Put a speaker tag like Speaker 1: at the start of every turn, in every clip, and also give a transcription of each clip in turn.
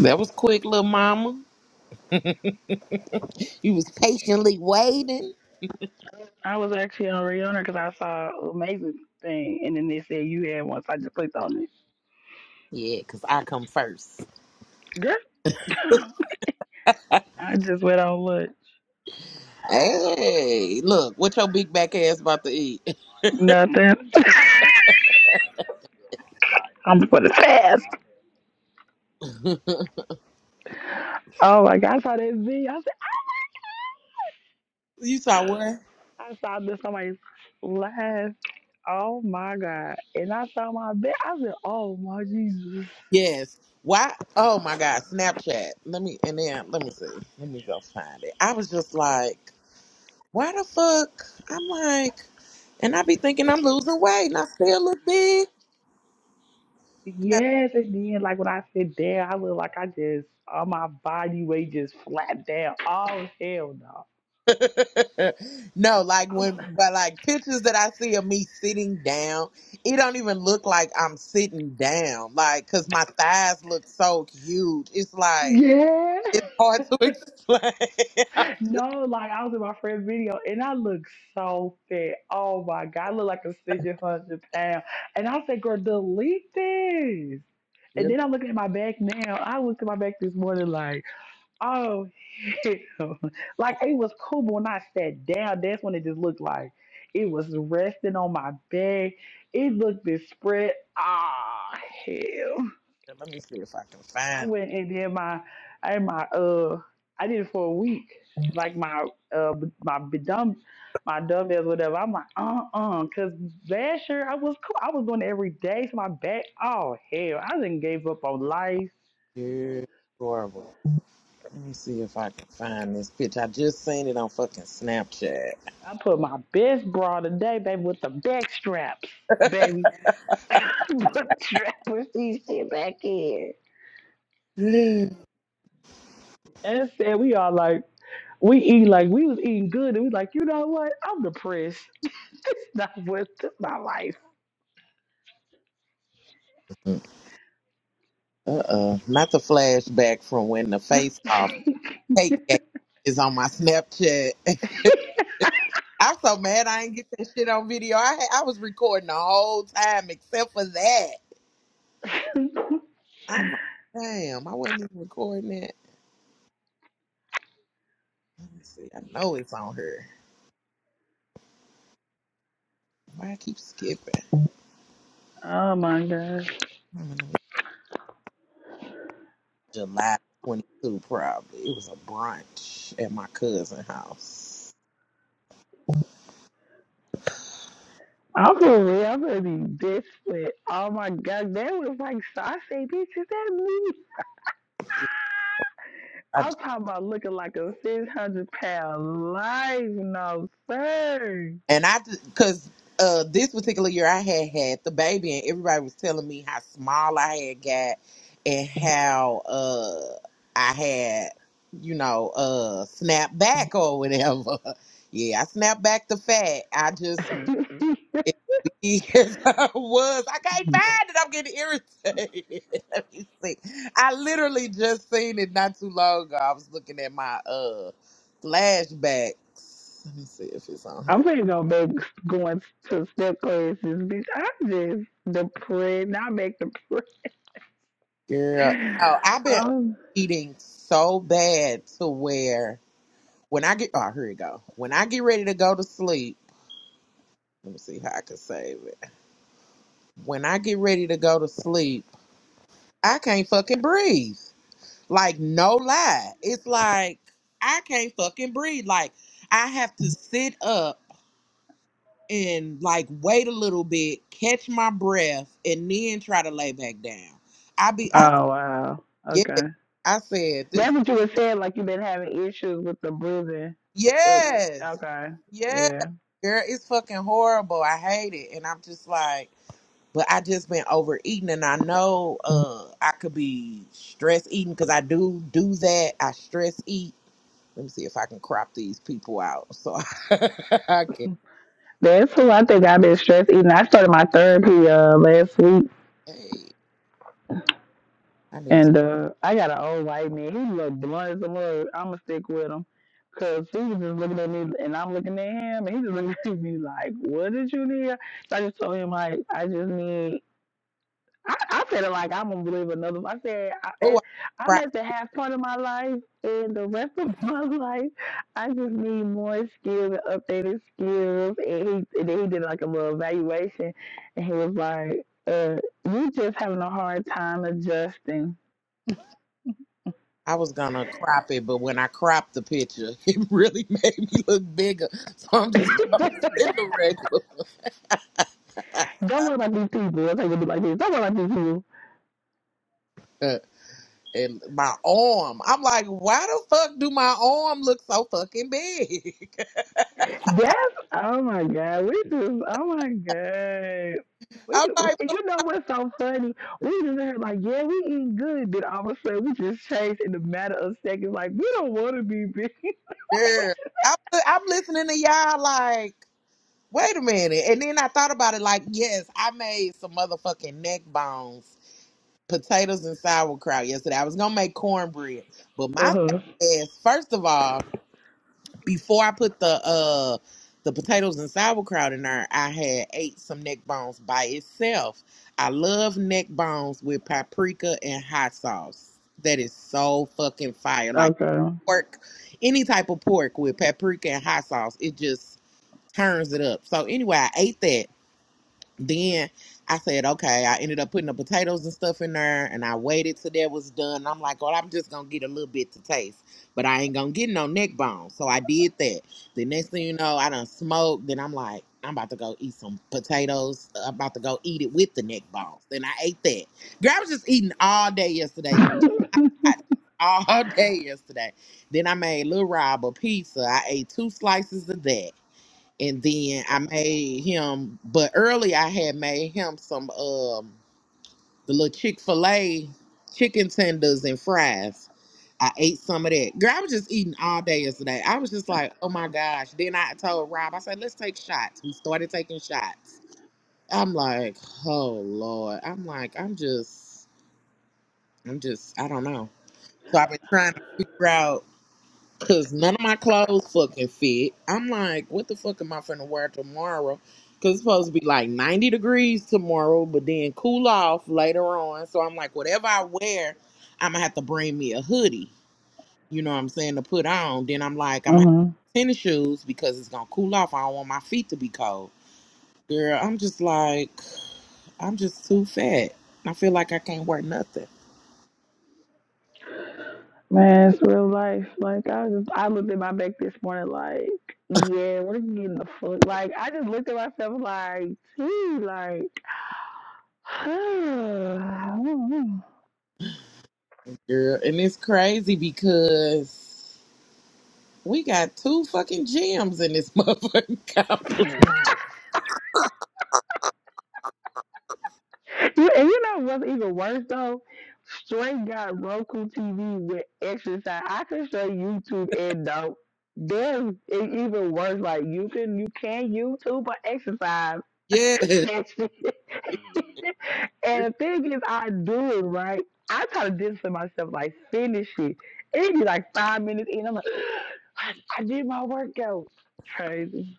Speaker 1: That was quick, little mama. You was patiently waiting.
Speaker 2: I was actually on Rihanna because I saw amazing thing, and then they said you had one, so I just clicked on it.
Speaker 1: Yeah, 'cause I come first.
Speaker 2: Girl, I just went on look.
Speaker 1: Hey, look, what your big back ass about to eat?
Speaker 2: Nothing. I'm for the fast. Oh my god, I saw that video. I, said,
Speaker 1: you saw what?
Speaker 2: I saw this somebody laugh. Oh my god! And I saw my bed. I said, "Oh my Jesus!"
Speaker 1: Yes. Why? Oh my God, Snapchat. Let me, and then, let me see. Let me go find it. I was just like, why the fuck? I'm like, and I be thinking I'm losing weight and I still look big.
Speaker 2: Yes, and then like when I sit down, I look like I just all my body weight just flat down. Oh hell no!
Speaker 1: no, like
Speaker 2: I'm,
Speaker 1: when, but like pictures that I see of me sitting down, it don't even look like I'm sitting down. Like, cause my thighs look so huge. It's like
Speaker 2: yeah.
Speaker 1: it's hard to explain.
Speaker 2: No, like I was in my friend's video and I look so fat. Oh my god, I look like a 600 hundred pound. And I said, "Girl, delete this."
Speaker 1: Yeah,
Speaker 2: And then I'm looking at my back now. I looked at my back this morning like, oh hell. Like it was cool, but when I sat down, that's when it just looked like it was resting on my back. It looked this spread. Ah hell.
Speaker 1: Let me see if I can
Speaker 2: I
Speaker 1: find.
Speaker 2: went and did my, I did my uh, I did it for a week, like my uh, b- my b- dumb, my dumbbells, whatever. I'm like, uh, uh cause last year I was cool. I was doing it every day, so my back, oh hell, I didn't gave up on life.
Speaker 1: it. Yeah, horrible. Let me see if I can find this picture. I just seen it on fucking Snapchat.
Speaker 2: I put my best bra today, baby, with the back straps, baby, put strappers these shit back in. And said we all like, we eat like we was eating good, and we like, you know what? I'm depressed. It's not worth my life.
Speaker 1: Uh uh, not the flashback from when the face off cake game is on my Snapchat. I'm so mad I ain't get that shit on video. I had, I was recording the whole time except for that. I'm like, damn, I wasn't even recording that. Let me see. I know it's on here. Why I keep skipping?
Speaker 2: oh my god.
Speaker 1: I'm in the- July 22, probably. It was a brunch at my cousin's house.
Speaker 2: I'm for real. I'm gonna be desperate. Oh my god, that was like so I say, bitch, is that me?
Speaker 1: I
Speaker 2: I'm talking about looking like a six hundred pound life, no sir.
Speaker 1: And I, because uh, this particular year I had had the baby, and everybody was telling me how small I had got and how uh, I had, you know, uh, snapped back or whatever. yeah, I snapped back the fat. I just, as big as I was, I can't find it. I'm getting irritated. Let me see. I literally just seen it not too long ago. I was looking at my uh flashbacks. Let me see if it's on here.
Speaker 2: I'm finna go back going to step classes, bitch. I'm just depressed. Now I make the.
Speaker 1: Girl,
Speaker 2: Oh,
Speaker 1: no, I've been
Speaker 2: oh
Speaker 1: eating so bad to where when I get oh here you go. When I get ready to go to sleep, let me see how I can save it. When I get ready to go to sleep, I can't fucking breathe. Like no lie, it's like I can't fucking breathe. Like I have to sit up and like wait a little bit, catch my breath, and then try to lay back down. I be I
Speaker 2: wow.
Speaker 1: yeah.
Speaker 2: Okay.
Speaker 1: I said this
Speaker 2: That's what you were saying, like you've been having issues with the boozing. It
Speaker 1: yes.
Speaker 2: okay.
Speaker 1: Yeah,
Speaker 2: Yeah.
Speaker 1: girl, it's fucking horrible. I hate it, and I'm just like, but I just been overeating, and I know uh I could be stress eating because I do do that. I stress eat. Let me see if I can crop these people out. So I can.
Speaker 2: That's who I think I've been stressed eating. I started my therapy uh last week
Speaker 1: Hey, I need. To,
Speaker 2: and uh I got an old white man. He looked blunt as a mug. I'ma stick with him. Cause he was just looking at me and I'm looking at him and he just looking at me like, What did you need? So I just told him like I just need I, I feel like I'm gonna live another. I said I,
Speaker 1: oh,
Speaker 2: I-
Speaker 1: I
Speaker 2: I'm
Speaker 1: crop.
Speaker 2: at the half part of my life, and the rest of my life, I just need more skills and updated skills. And he and he did like a little evaluation, and he was like, uh, "You just having a hard time adjusting.
Speaker 1: I was gonna crop it, but when I cropped the picture, it really made me look bigger. So I'm just gonna send the regular.
Speaker 2: Don't worry about these people. I think it be like this. Don't worry about these people."
Speaker 1: and my arm. I'm like, why the fuck do my arm look so fucking big?
Speaker 2: That's oh my god. We just oh my god. We
Speaker 1: I'm
Speaker 2: just,
Speaker 1: like,
Speaker 2: and you know what's so funny? We just heard like, yeah, we eating good. Then all of a sudden, we just changed in a matter of seconds. Like, we don't want to be big.
Speaker 1: girl, I'm, I'm listening to y'all like, wait a minute. And then I thought about it like, yes, I made some motherfucking neck bones, potatoes and sauerkraut yesterday. I was gonna make cornbread, but my fat
Speaker 2: Uh-huh.
Speaker 1: ass, first of all. before I put the uh the potatoes and sauerkraut in there, I had ate some neck bones by itself. I love neck bones with paprika and hot sauce. That is so fucking fire. Like
Speaker 2: Okay.
Speaker 1: pork, any type of pork with paprika and hot sauce, it just turns it up. So anyway, I ate that then I said, okay, I ended up putting the potatoes and stuff in there and I waited till that was done. I'm like, well, I'm just gonna get a little bit to taste, but I ain't gonna get no neck bone. So I did that. The next thing you know, I done smoked. Then I'm like, I'm about to go eat some potatoes. I'm about to go eat it with the neck bones. Then I ate that. Girl, I was just eating all day yesterday. just hot, All day yesterday. Then I made Lil Rob a pizza. I ate two slices of that and then I made him. But early I had made him some um the little Chick Fil A chicken tenders and fries. I ate some of that. Girl, I was just eating all day yesterday. I was just like, oh my gosh. Then I told Rob, I said, let's take shots. We started taking shots. I'm like, oh Lord. I'm like, I'm just, I'm just, I don't know. So I've been trying to figure out. Cause none of my clothes fucking fit. I'm like, what the fuck am I finna wear tomorrow? Cause it's supposed to be like 90 degrees tomorrow, but then cool off later on. So I'm like, whatever I wear, I'm gonna have to bring me a hoodie. You know what I'm saying to put on. Then I'm like, I'm gonna
Speaker 2: Uh-huh.
Speaker 1: have tennis shoes because it's gonna cool off. I don't want my feet to be cold. Girl, I'm just like, I'm just too fat. I feel like I can't wear nothing,
Speaker 2: Man, it's real life. Like, I just I looked at my back this morning. Like, yeah, we're getting the fuck. Like, I just looked at myself. Like, gee, like.
Speaker 1: girl. And it's crazy because. We got two fucking gems in this motherfucking complex.
Speaker 2: You, and you know what's even worse though? Straight got Roku TV with exercise. I can show YouTube and don't. There's it even worse. Like you can you can YouTube or exercise
Speaker 1: Yes.
Speaker 2: and the thing is, I do it right. I try to discipline myself, like finish it. It be like five minutes in. I'm like, I I did my workout. Crazy.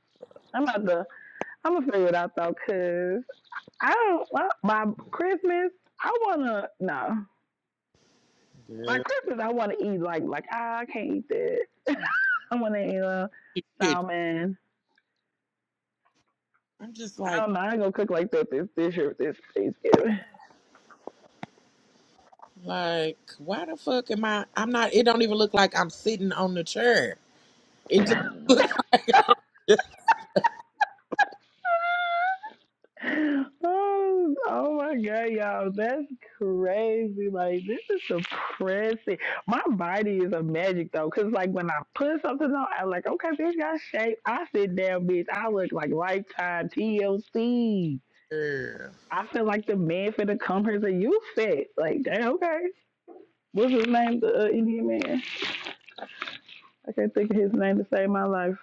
Speaker 2: I'm about to. I'm gonna figure it out though, cause I don't. Well, by Christmas, I wanna no. By
Speaker 1: Yeah.
Speaker 2: Christmas, I wanna eat like like ah, I can't eat that. I wanna eat a
Speaker 1: Shit.
Speaker 2: salmon.
Speaker 1: I'm just
Speaker 2: I
Speaker 1: like,
Speaker 2: don't know. I ain't gonna cook like that this this year this Thanksgiving.
Speaker 1: like, why the fuck am I? I'm not. It don't even look like I'm sitting on the chair. It just,
Speaker 2: Oh, oh my god, y'all, that's crazy. Like this is depressing. My body is a magic though, cause like when I put something on, I'm like, okay, bitch got shape. I sit down, bitch. I look like lifetime TLC.
Speaker 1: Yeah.
Speaker 2: I feel like the man finna come here, a you fit. Like, dang, okay. What's his name? The uh, Indian man. I can't think of his name to save my life.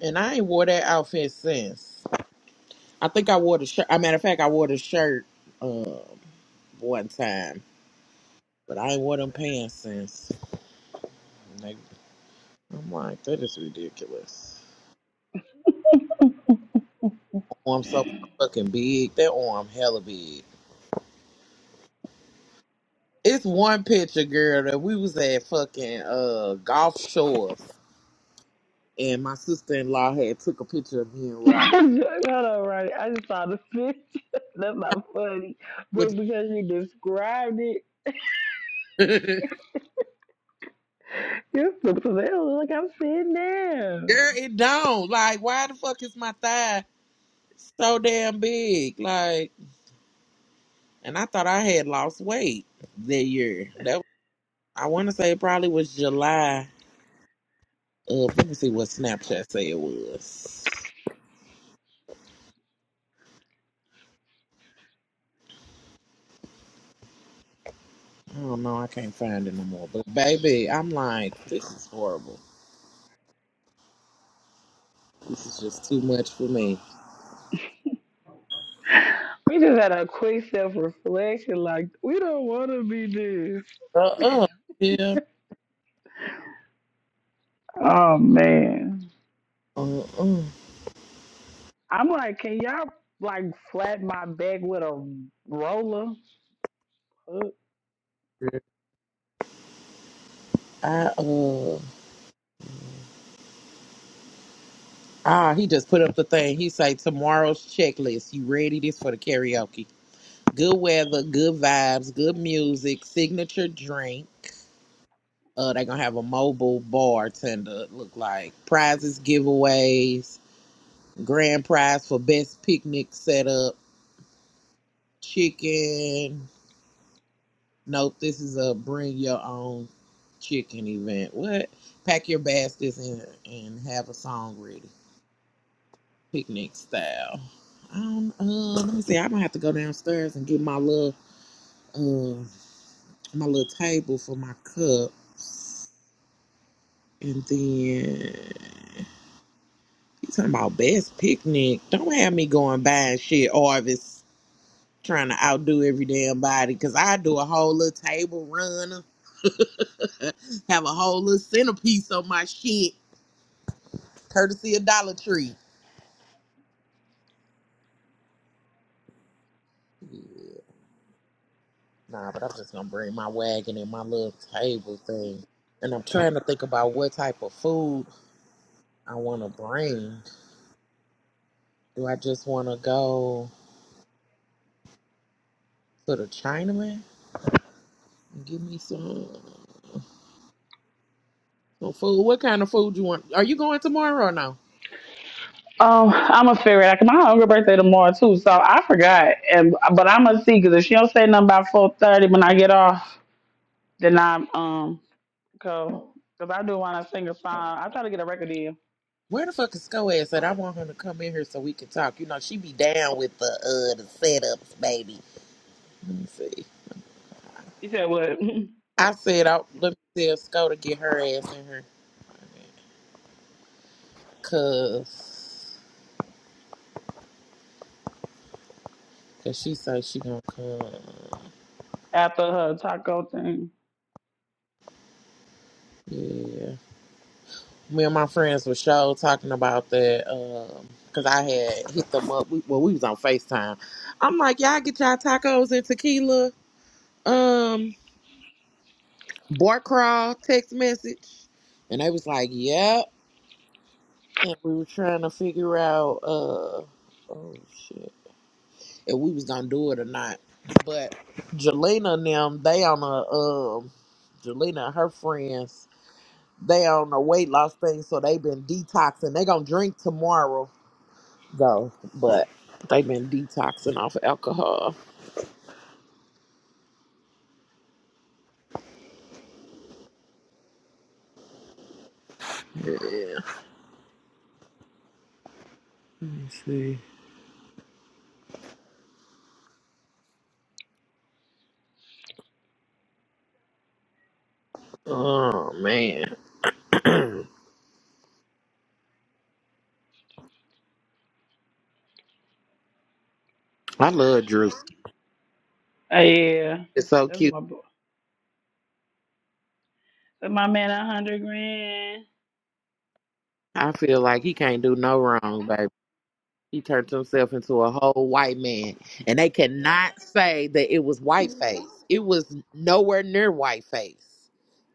Speaker 1: and I ain't wore that outfit since. I think I wore the shirt. As a matter of fact, I wore the shirt uh one time, but I ain't wore them pants since. And they- I'm like, that is ridiculous. Arm so fucking big. That arm hella big. It's one picture, girl, that we was at fucking uh golf shores, and my sister in law had took a picture of me and Rob.
Speaker 2: Hold on, right. I just saw the fish. That's not funny.
Speaker 1: With
Speaker 2: But because you described it,
Speaker 1: girl,
Speaker 2: you're it's so like I'm sitting down.
Speaker 1: it don't like why the fuck is my thigh so damn big? Like, and I thought I had lost weight that year. That I want to say it probably was July. Of, let me see what Snapchat say it was. I don't know. I can't find it no more. But baby, I'm like, this is horrible. This is just too much for me.
Speaker 2: We just had a quick self reflection. Like, we don't want to be this.
Speaker 1: Uh-uh. Yeah.
Speaker 2: Oh, man.
Speaker 1: Uh-uh.
Speaker 2: I'm like, can y'all like flat my back with a roller?
Speaker 1: I uh ah he just put up the thing. He say tomorrow's checklist. You ready this for the karaoke? Good weather, good vibes, good music, signature drink. Uh they gonna have a mobile bartender it look like prizes, giveaways, grand prize for best picnic setup, chicken. Nope, this is a bring your own chicken event. What? Pack your baskets and and have a song ready. picnic style. I don't, uh, let me see. I'm gonna have to go downstairs and get my little uh my little table for my cups, and then you talking about best picnic. Don't have me going buying shit, Arvis, trying to outdo every damn body. Cause I do a whole little table runner. have a whole little centerpiece on my shit, courtesy of Dollar Tree. Nah, but I'm just gonna bring my wagon and my little table thing. And I'm trying to think about what type of food I want to bring. Do I just want to go to the Chinaman and give me some some food? What kind of food you want? Are you going tomorrow or no?
Speaker 2: Oh, I'm gonna figure it out. 'cause My uncle birthday tomorrow too, so I forgot. And but I'm gonna see because if she don't say nothing by four thirty when I get off, then I um go because I do want to sing a song. I try to get a record deal.
Speaker 1: Where the fuck is Skoaz at? I want her to come in here so we can talk. You know, she be down with the uh the setups, baby. Let me see.
Speaker 2: You said what
Speaker 1: I said, I, let me tell Sko to get her ass in here. Cause, cause she say she gonna come.
Speaker 2: after her taco thing?
Speaker 1: Yeah. Me and my friends were show talking about that because I had hit them up. We, well, we was on FaceTime. I'm like, y'all get y'all tacos and tequila, um, bar crawl, text message. And they was like, yep. And we were trying to figure out, uh, oh shit, if we was going to do it or not. But Jelena and them, they on a, um, Jelena and her friends, they on a weight loss thing. So they been detoxing. They going to drink tomorrow go, but they've been detoxing off of alcohol. Yeah. Let me see. Oh man, I love Drew.
Speaker 2: Uh, yeah,
Speaker 1: It's so
Speaker 2: that's
Speaker 1: cute.
Speaker 2: my boy. That's my man a hundred grand.
Speaker 1: I feel like he can't do no wrong, baby. He turned himself into a whole white man, and they cannot say that it was white face. It was nowhere near white face.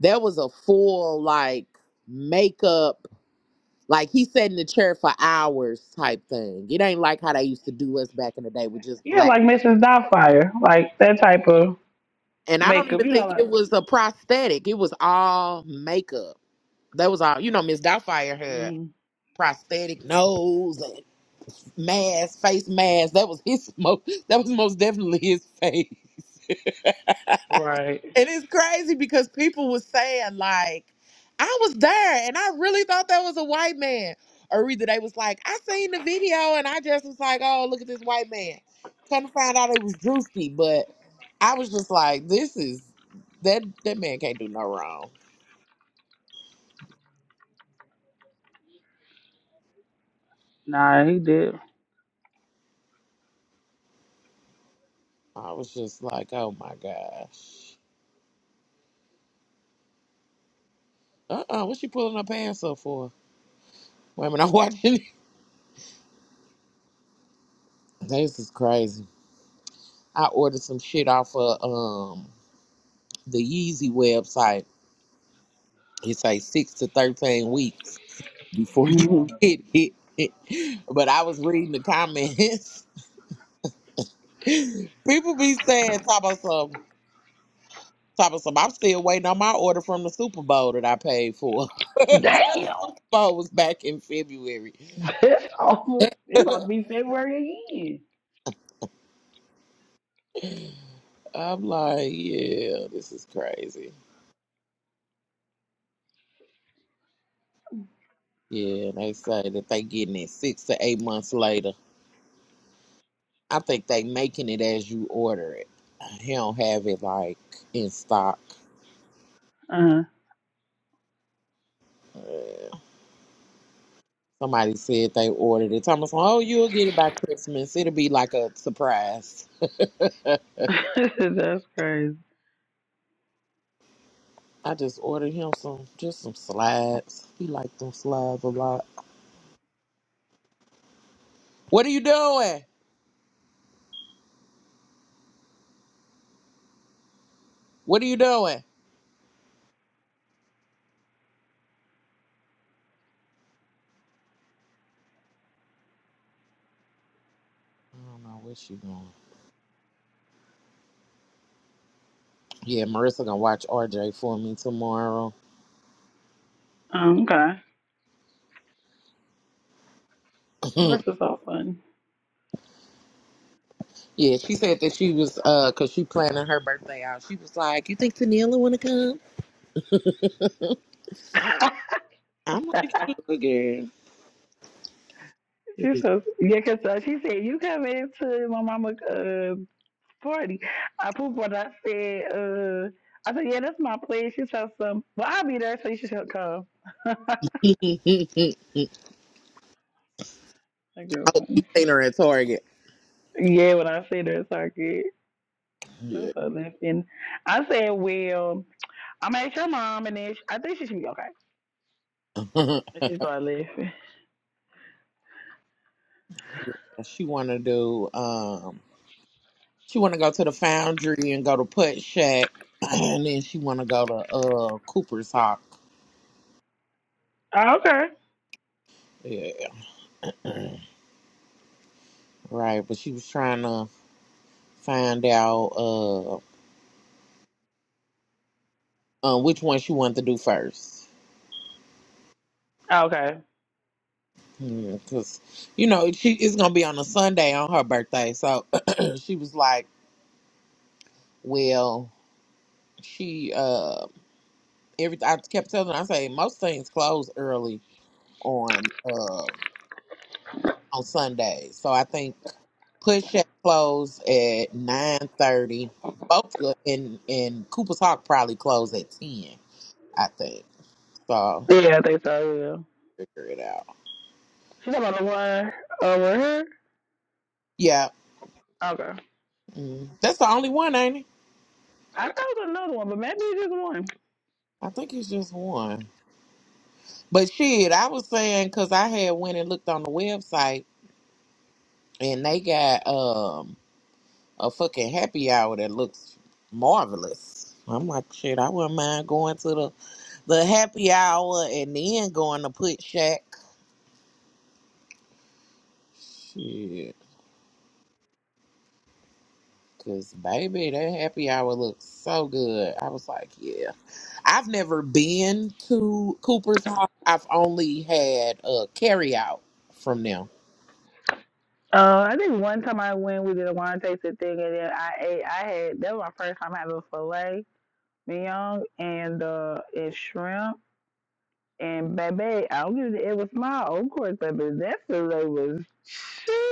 Speaker 1: There was a full like makeup, like he sat in the chair for hours type thing. It ain't like how they used to do us back in the day with just
Speaker 2: Yeah,
Speaker 1: black.
Speaker 2: like Mrs. Doubtfire, like that type of
Speaker 1: And I don't
Speaker 2: makeup.
Speaker 1: even
Speaker 2: You know,
Speaker 1: think
Speaker 2: like
Speaker 1: it was a prosthetic. It was all makeup. That was all. You know, Miss Doubtfire had
Speaker 2: mm,
Speaker 1: prosthetic nose and mask, face mask. That was his most. That was most definitely his face.
Speaker 2: right?
Speaker 1: And it's crazy because people was saying like, I was there and I really thought that was a white man. Or either they was like, I seen the video and I just was like, oh, look at this white man. Come to find out it was Drewski, but I was just like, this is that that man can't do no wrong.
Speaker 2: Nah, he did.
Speaker 1: I was just like, oh my gosh. Uh uh what she pulling her pants up for? Wait a minute, I'm watching it. This is crazy. I ordered some shit off of um the Yeezy website. It's like six to thirteen weeks before you get it. But I was reading the comments. People be saying top of some top of some I'm still waiting on my order from the Super Bowl that I paid for.
Speaker 2: Damn.
Speaker 1: Bowl was back in February.
Speaker 2: That's almost it's about to be February
Speaker 1: I'm like, yeah, this is crazy. Yeah, they say that they getting it six to eight months later. I think they making it as you order it. He don't have it like in stock.
Speaker 2: again.
Speaker 1: Somebody said they ordered it. Thomas, oh, you'll get it by Christmas. It'll be like a surprise.
Speaker 2: Uh, that's crazy.
Speaker 1: I just ordered him some, just some slides. He liked them slides a lot. What are you doing? What are you doing? I don't know where she going. Yeah, Marissa gonna watch RJ for me tomorrow.
Speaker 2: Um, okay, this is so funny.
Speaker 1: Yeah, she said that she was uh, cause she planning her birthday out. She was like, "You think Tennille wanna come?" I'm like, "Sure, girl."
Speaker 2: she says, yeah, 'cause uh, she said you come into my mama uh party. I pooped what I said. Uh, I said yeah, that's my place. She said some, well I'll be there, so you should come. that girl
Speaker 1: oh, you
Speaker 2: funny.
Speaker 1: seen her at Target.
Speaker 2: Yeah, when I said that, so good.
Speaker 1: Yeah.
Speaker 2: That's so laughing. I said, well, I'm at your mom, and then she, I think she should be okay. And she started laughing.
Speaker 1: she wanna do um, she wanna go to the Foundry and go to Put Shack, and then she wanna go to uh Cooper's Hawk.
Speaker 2: Oh, okay.
Speaker 1: Yeah, right. But she was trying to find out uh, uh which one she wanted to do first.
Speaker 2: Okay.
Speaker 1: because you know she it's gonna be on a Sunday on her birthday. So she was like, "Well, she uh, every I kept telling her, I say most things close early on uh on Sundays. So I think push at close at nine thirty. Both good- and and Cooper's Hawk probably close at ten. I think so.
Speaker 2: Yeah, I think so. Yeah.
Speaker 1: Figure it out.
Speaker 2: She's talking about the one over here.
Speaker 1: Yeah,
Speaker 2: Okay.
Speaker 1: mm. that's the only one, ain't it?
Speaker 2: I thought it was another one, but maybe it's just one.
Speaker 1: I think it's just one. But shit, I was saying because I had went and looked on the website and they got um a fucking happy hour that looks marvelous. I'm like, shit, I wouldn't mind going to the the happy hour and then going to Put Shack. Shit, cause baby, that happy hour looks so good. I was like, yeah. I've never been to Cooper's Hawk. I've only had a carry out from them.
Speaker 2: Uh, I think one time I went, we did a wine tasting thing, and then I ate. I had that was my first time having filet mignon and uh and shrimp. And baby, I don't give it. It was small, of course, but that filet was.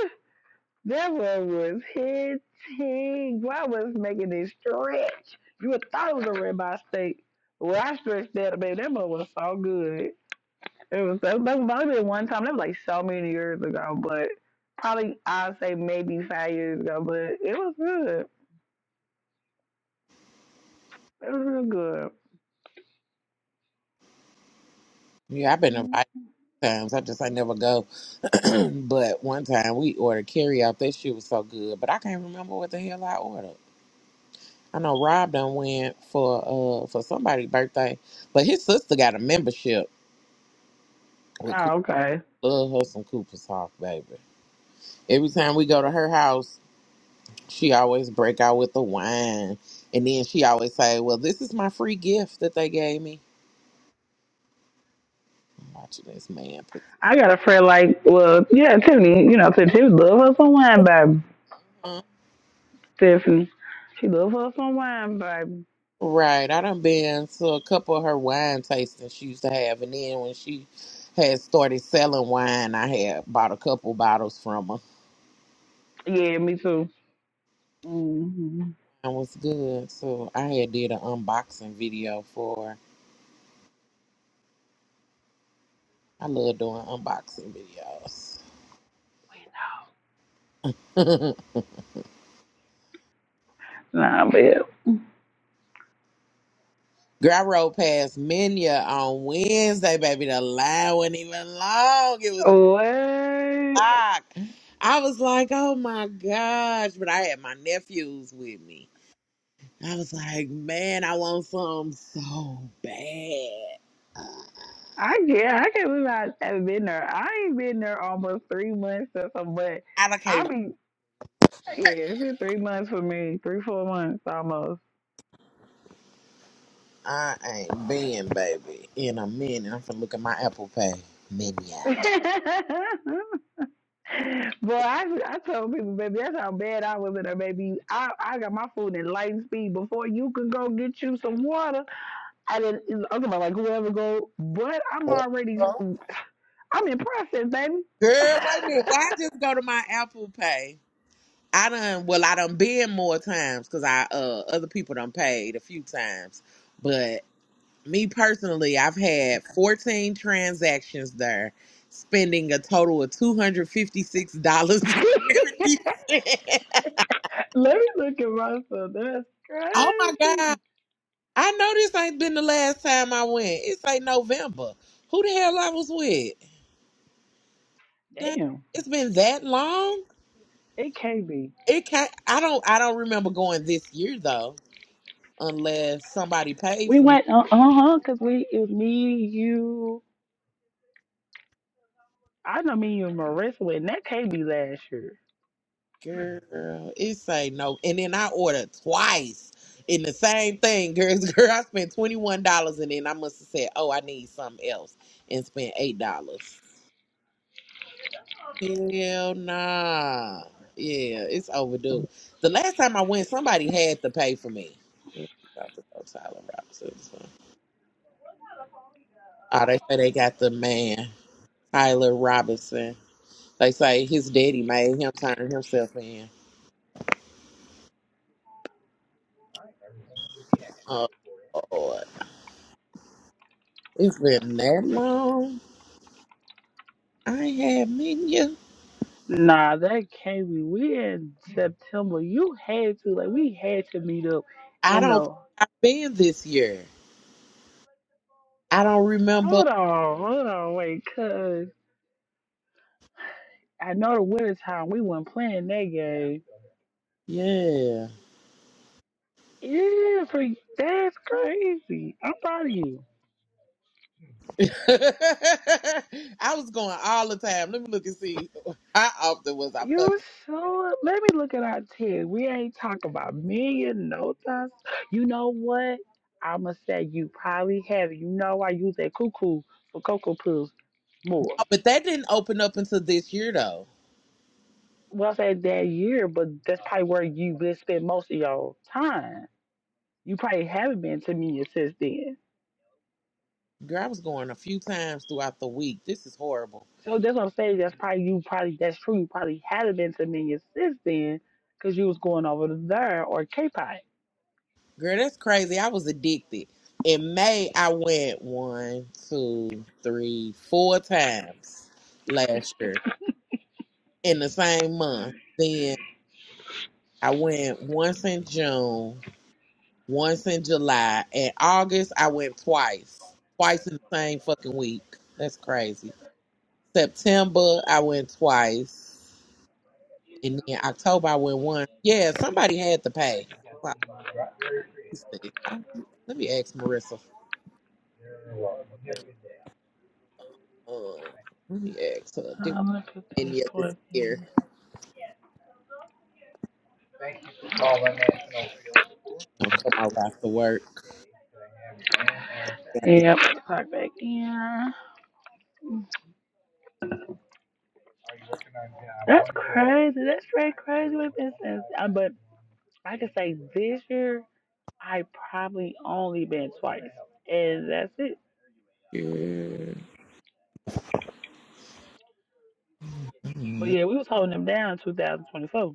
Speaker 2: That one was hitting. I was making it stretch. You would thought it was a rib eye steak. Well, I stretched that, baby. That mother was so good. It was that that was only been one time. That was like so many years ago, but probably I'd say maybe five years ago. But it was good. It was real good.
Speaker 1: Yeah, I've been
Speaker 2: Mm-hmm.
Speaker 1: invited times. I just I never go. but one time we ordered carry out. That shit was so good, but I can't remember what the hell I ordered. I know Rob done went for uh for somebody's birthday, but his sister got a membership with Cooper.
Speaker 2: Oh, okay.
Speaker 1: Love her some Cooper's Hawk, baby. Every time we go to her house, she always break out with the wine, and then she always say, "Well, this is my free gift that they gave me." I'm watching this man put this.
Speaker 2: I got a friend like, well, yeah, Tiffany. You know, Tiffany, she love her some wine, baby.
Speaker 1: uh-huh.
Speaker 2: Tiffany, she love her some wine, baby.
Speaker 1: Right. I done been to a couple of her wine tastings she used to have. And then when she had started selling wine, I had bought a couple bottles from her.
Speaker 2: Yeah, me too. Mm-hmm.
Speaker 1: It was good. So I had did an unboxing video for her. I love doing unboxing videos.
Speaker 2: Nah, but
Speaker 1: Girl, I rode past Minya on Wednesday, baby. The line wasn't even long. It was
Speaker 2: what?
Speaker 1: locked. I was like, oh my gosh. But I had my nephews with me. I was like, man, I want something so bad.
Speaker 2: I yeah, I can't believe I haven't been there. I ain't been there almost three months or something, but
Speaker 1: I don't care.
Speaker 2: I be yeah, it's been three months for me, three four months almost.
Speaker 1: I ain't been, baby, in a minute. I'm finna look at my Apple Pay menu.
Speaker 2: Boy, I I told people, baby, that's how bad I was in there, baby. I I got my food in light speed before you can go get you some water. I didn't. I'm talking about like whoever go, but I'm already
Speaker 1: Girl,
Speaker 2: I'm in process, baby.
Speaker 1: wait a minute. Why I just go to my Apple Pay? I done, well, I done been more times because I, uh, other people done paid a few times. But me personally, I've had 14 transactions there, spending a total of $256.70.
Speaker 2: Let me look at myself. That's
Speaker 1: Oh my God.
Speaker 2: crazy.
Speaker 1: I know this ain't been the last time I went. It's like November. Who the hell I was with? Dang,
Speaker 2: Damn,
Speaker 1: It's been that long.
Speaker 2: it can't be.
Speaker 1: It can't. I don't. I don't remember going this year though, unless somebody paid
Speaker 2: We
Speaker 1: for me.
Speaker 2: went uh huh because we it was me, you. I know me you, and Marissa went. and That can't be last year.
Speaker 1: Girl, it say no. And then I ordered twice in the same thing. Girl, girl, I spent twenty one dollars, and then I must have said, "Oh, I need something else," and spent eight dollars. Hell nah. Yeah, it's overdue. The last time I went, somebody had to pay for me. About to go Tyler Robinson. so. Oh, they say they got the man, Tyler Robinson. They say his daddy made him turn himself in. Oh, Lord. It's been that long. I ain't had menu.
Speaker 2: Nah, that can't be. We in September. You had to like we had to meet up
Speaker 1: I
Speaker 2: in
Speaker 1: don't think
Speaker 2: the.
Speaker 1: I've been this year. I don't remember.
Speaker 2: Hold on, hold on, wait, cause I know the winter time we weren't playing that game.
Speaker 1: Yeah.
Speaker 2: Yeah, for that's crazy. I'm proud of you.
Speaker 1: I was going all the time. Let me look and see how often was I
Speaker 2: You
Speaker 1: fucking.
Speaker 2: sure? Let me look at our ten. We ain't talk about million no times. You know what? I'ma say you probably have. it. You know I use that cuckoo for cocoa pills more.
Speaker 1: Oh, But that didn't open up until this year though.
Speaker 2: Well, I said that year, but that's probably where you been spend most of your time. You probably haven't been to Minion since then.
Speaker 1: Girl, I was going a few times throughout the week. This is horrible.
Speaker 2: So that's what I'm saying. That's probably you. Probably that's true. You probably haven't been to Minion since then, cause you was going over to there or K-Pie.
Speaker 1: Girl, that's crazy. I was addicted. In May, I went one, two, three, four times last year in the same month. Then I went once in June. once in July. In August, I went twice, twice in the same fucking week. That's crazy. September, I went twice, and then October, I went once. Yeah, somebody had to pay. Like, let me see. I- let me ask Marissa. Uh, let me ask her. Did
Speaker 2: Um, look at
Speaker 1: we
Speaker 2: this
Speaker 1: any of this
Speaker 2: point.
Speaker 1: year? Don't come out after work.
Speaker 2: Yep, clock back in. That's crazy. That's straight crazy with business. Uh, But I can say this year, I probably only been twice, and that's it.
Speaker 1: Yeah.
Speaker 2: But
Speaker 1: Mhm.
Speaker 2: yeah, we was holding them down in 2024.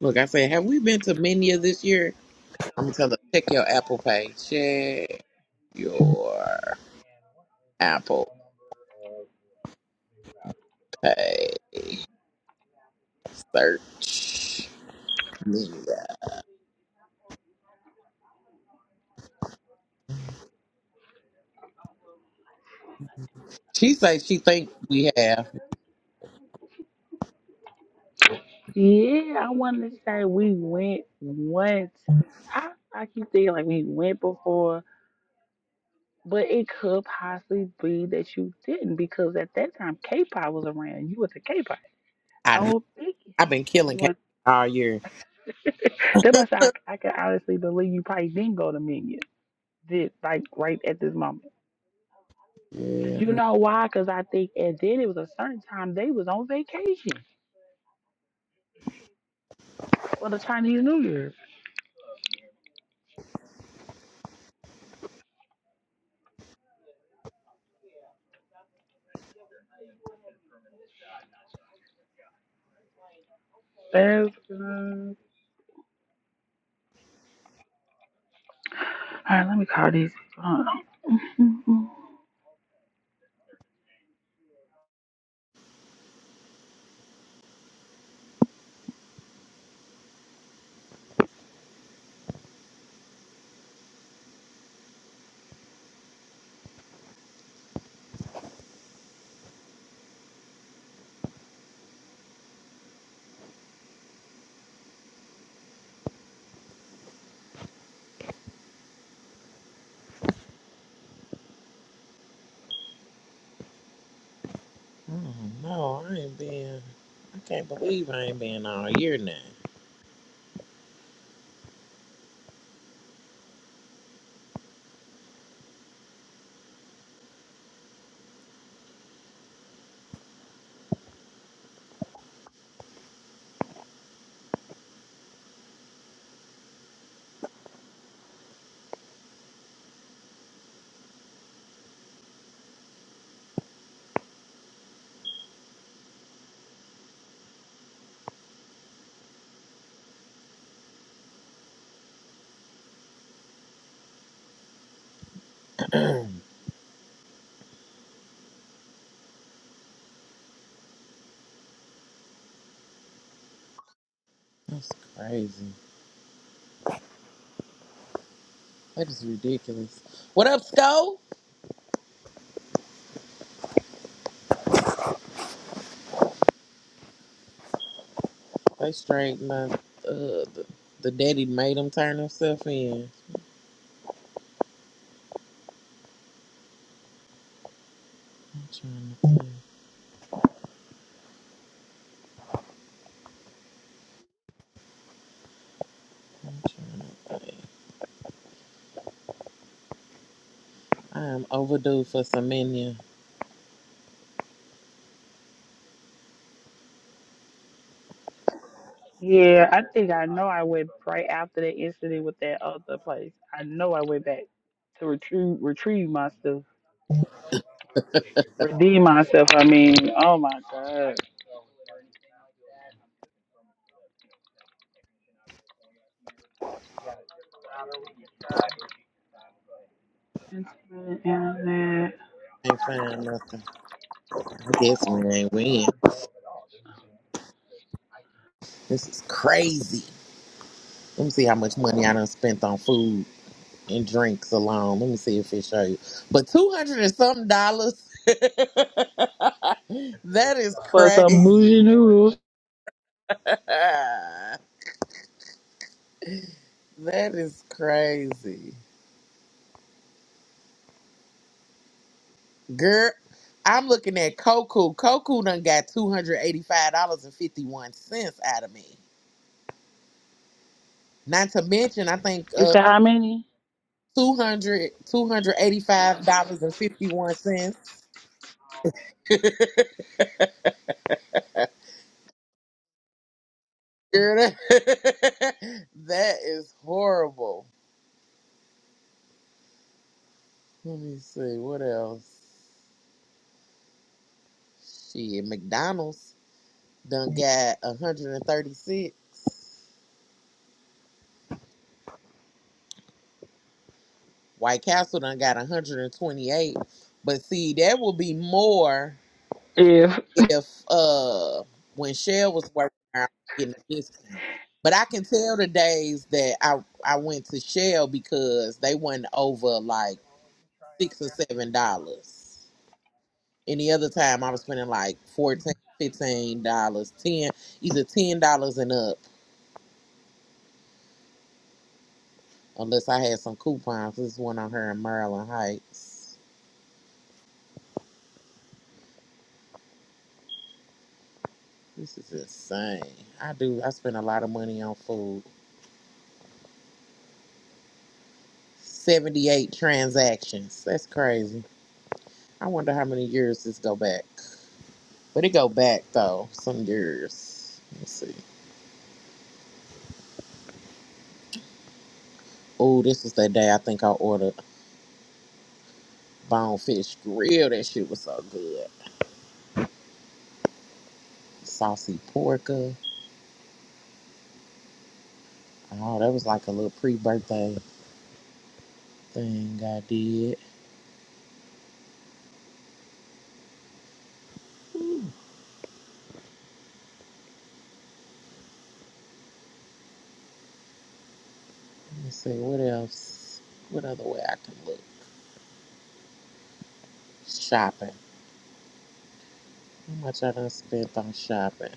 Speaker 1: Look, I said, have we been to many of this year? I'm gonna tell her, check your Apple Pay. Check your Apple. Hey, search. Yeah. She say she think we have.
Speaker 2: Yeah, I wanted to say we went once. I I keep thinking like we went before, but it could possibly be that you didn't because at that time K-pop was around. You was a K-pop. I
Speaker 1: I know.
Speaker 2: don't think.
Speaker 1: I've been killing
Speaker 2: you
Speaker 1: cats
Speaker 2: went.
Speaker 1: all year.
Speaker 2: That's why I said I, I can honestly believe you probably didn't go to Minion. Did like right at this moment.
Speaker 1: Yeah.
Speaker 2: You know why? Because I think and then it was a certain time they was on vacation for the Chinese New Year. That's good. All right, let me call these. Hold on.
Speaker 1: Oh No, I ain't been. I can't believe I ain't been all year now. That's crazy. That is ridiculous. What up, Sco? They straighten up. Uh, the, the daddy made him turn himself in. I'm trying to think. I'm trying to think. I am overdue for some menu.
Speaker 2: Yeah, I think I know I went right after the incident with that other place. I know I went back to retrieve retrieve myself, redeem myself. I mean, oh my god. Internet, internet
Speaker 1: Can't find nothing. I guess we ain't win. This is crazy. Let me see how much money I done spent on food and drinks alone. Let me see if it show you. But two hundred and something dollars. that is
Speaker 2: for some bougie
Speaker 1: crazy.
Speaker 2: noodles.
Speaker 1: that is crazy, girl. I'm looking at Koku. Koku done got two hundred eighty-five dollars and fifty-one cents out of me. Not to mention, I think
Speaker 2: You
Speaker 1: uh,
Speaker 2: said how many?
Speaker 1: 200 dollars and fifty-one cents. Girl, that, that is horrible. Let me see what else. Shit, McDonald's done got 136. White Castle done got 128. But see, that will be more
Speaker 2: Yeah.
Speaker 1: if uh when Shell was working there, I was getting a discount. But I can tell the days that I I went to Shell because they wasn't over like six or seven dollars. Any other time I was spending like fourteen, fifteen dollars, ten either ten dollars and up, unless I had some coupons. This is one on here in Maryland Heights. This is insane. I do I spend a lot of money on food. Seventy eight transactions. That's crazy. I wonder how many years this go back. But it go back though, some years. Let's see. Oh, this was that day I think I ordered bonefish grill. That shit was so good. Saucy porker. Oh, that was like a little pre-birthday thing I did. Let me see what else. What other way I can look? Shopping. How much I done spent on shopping?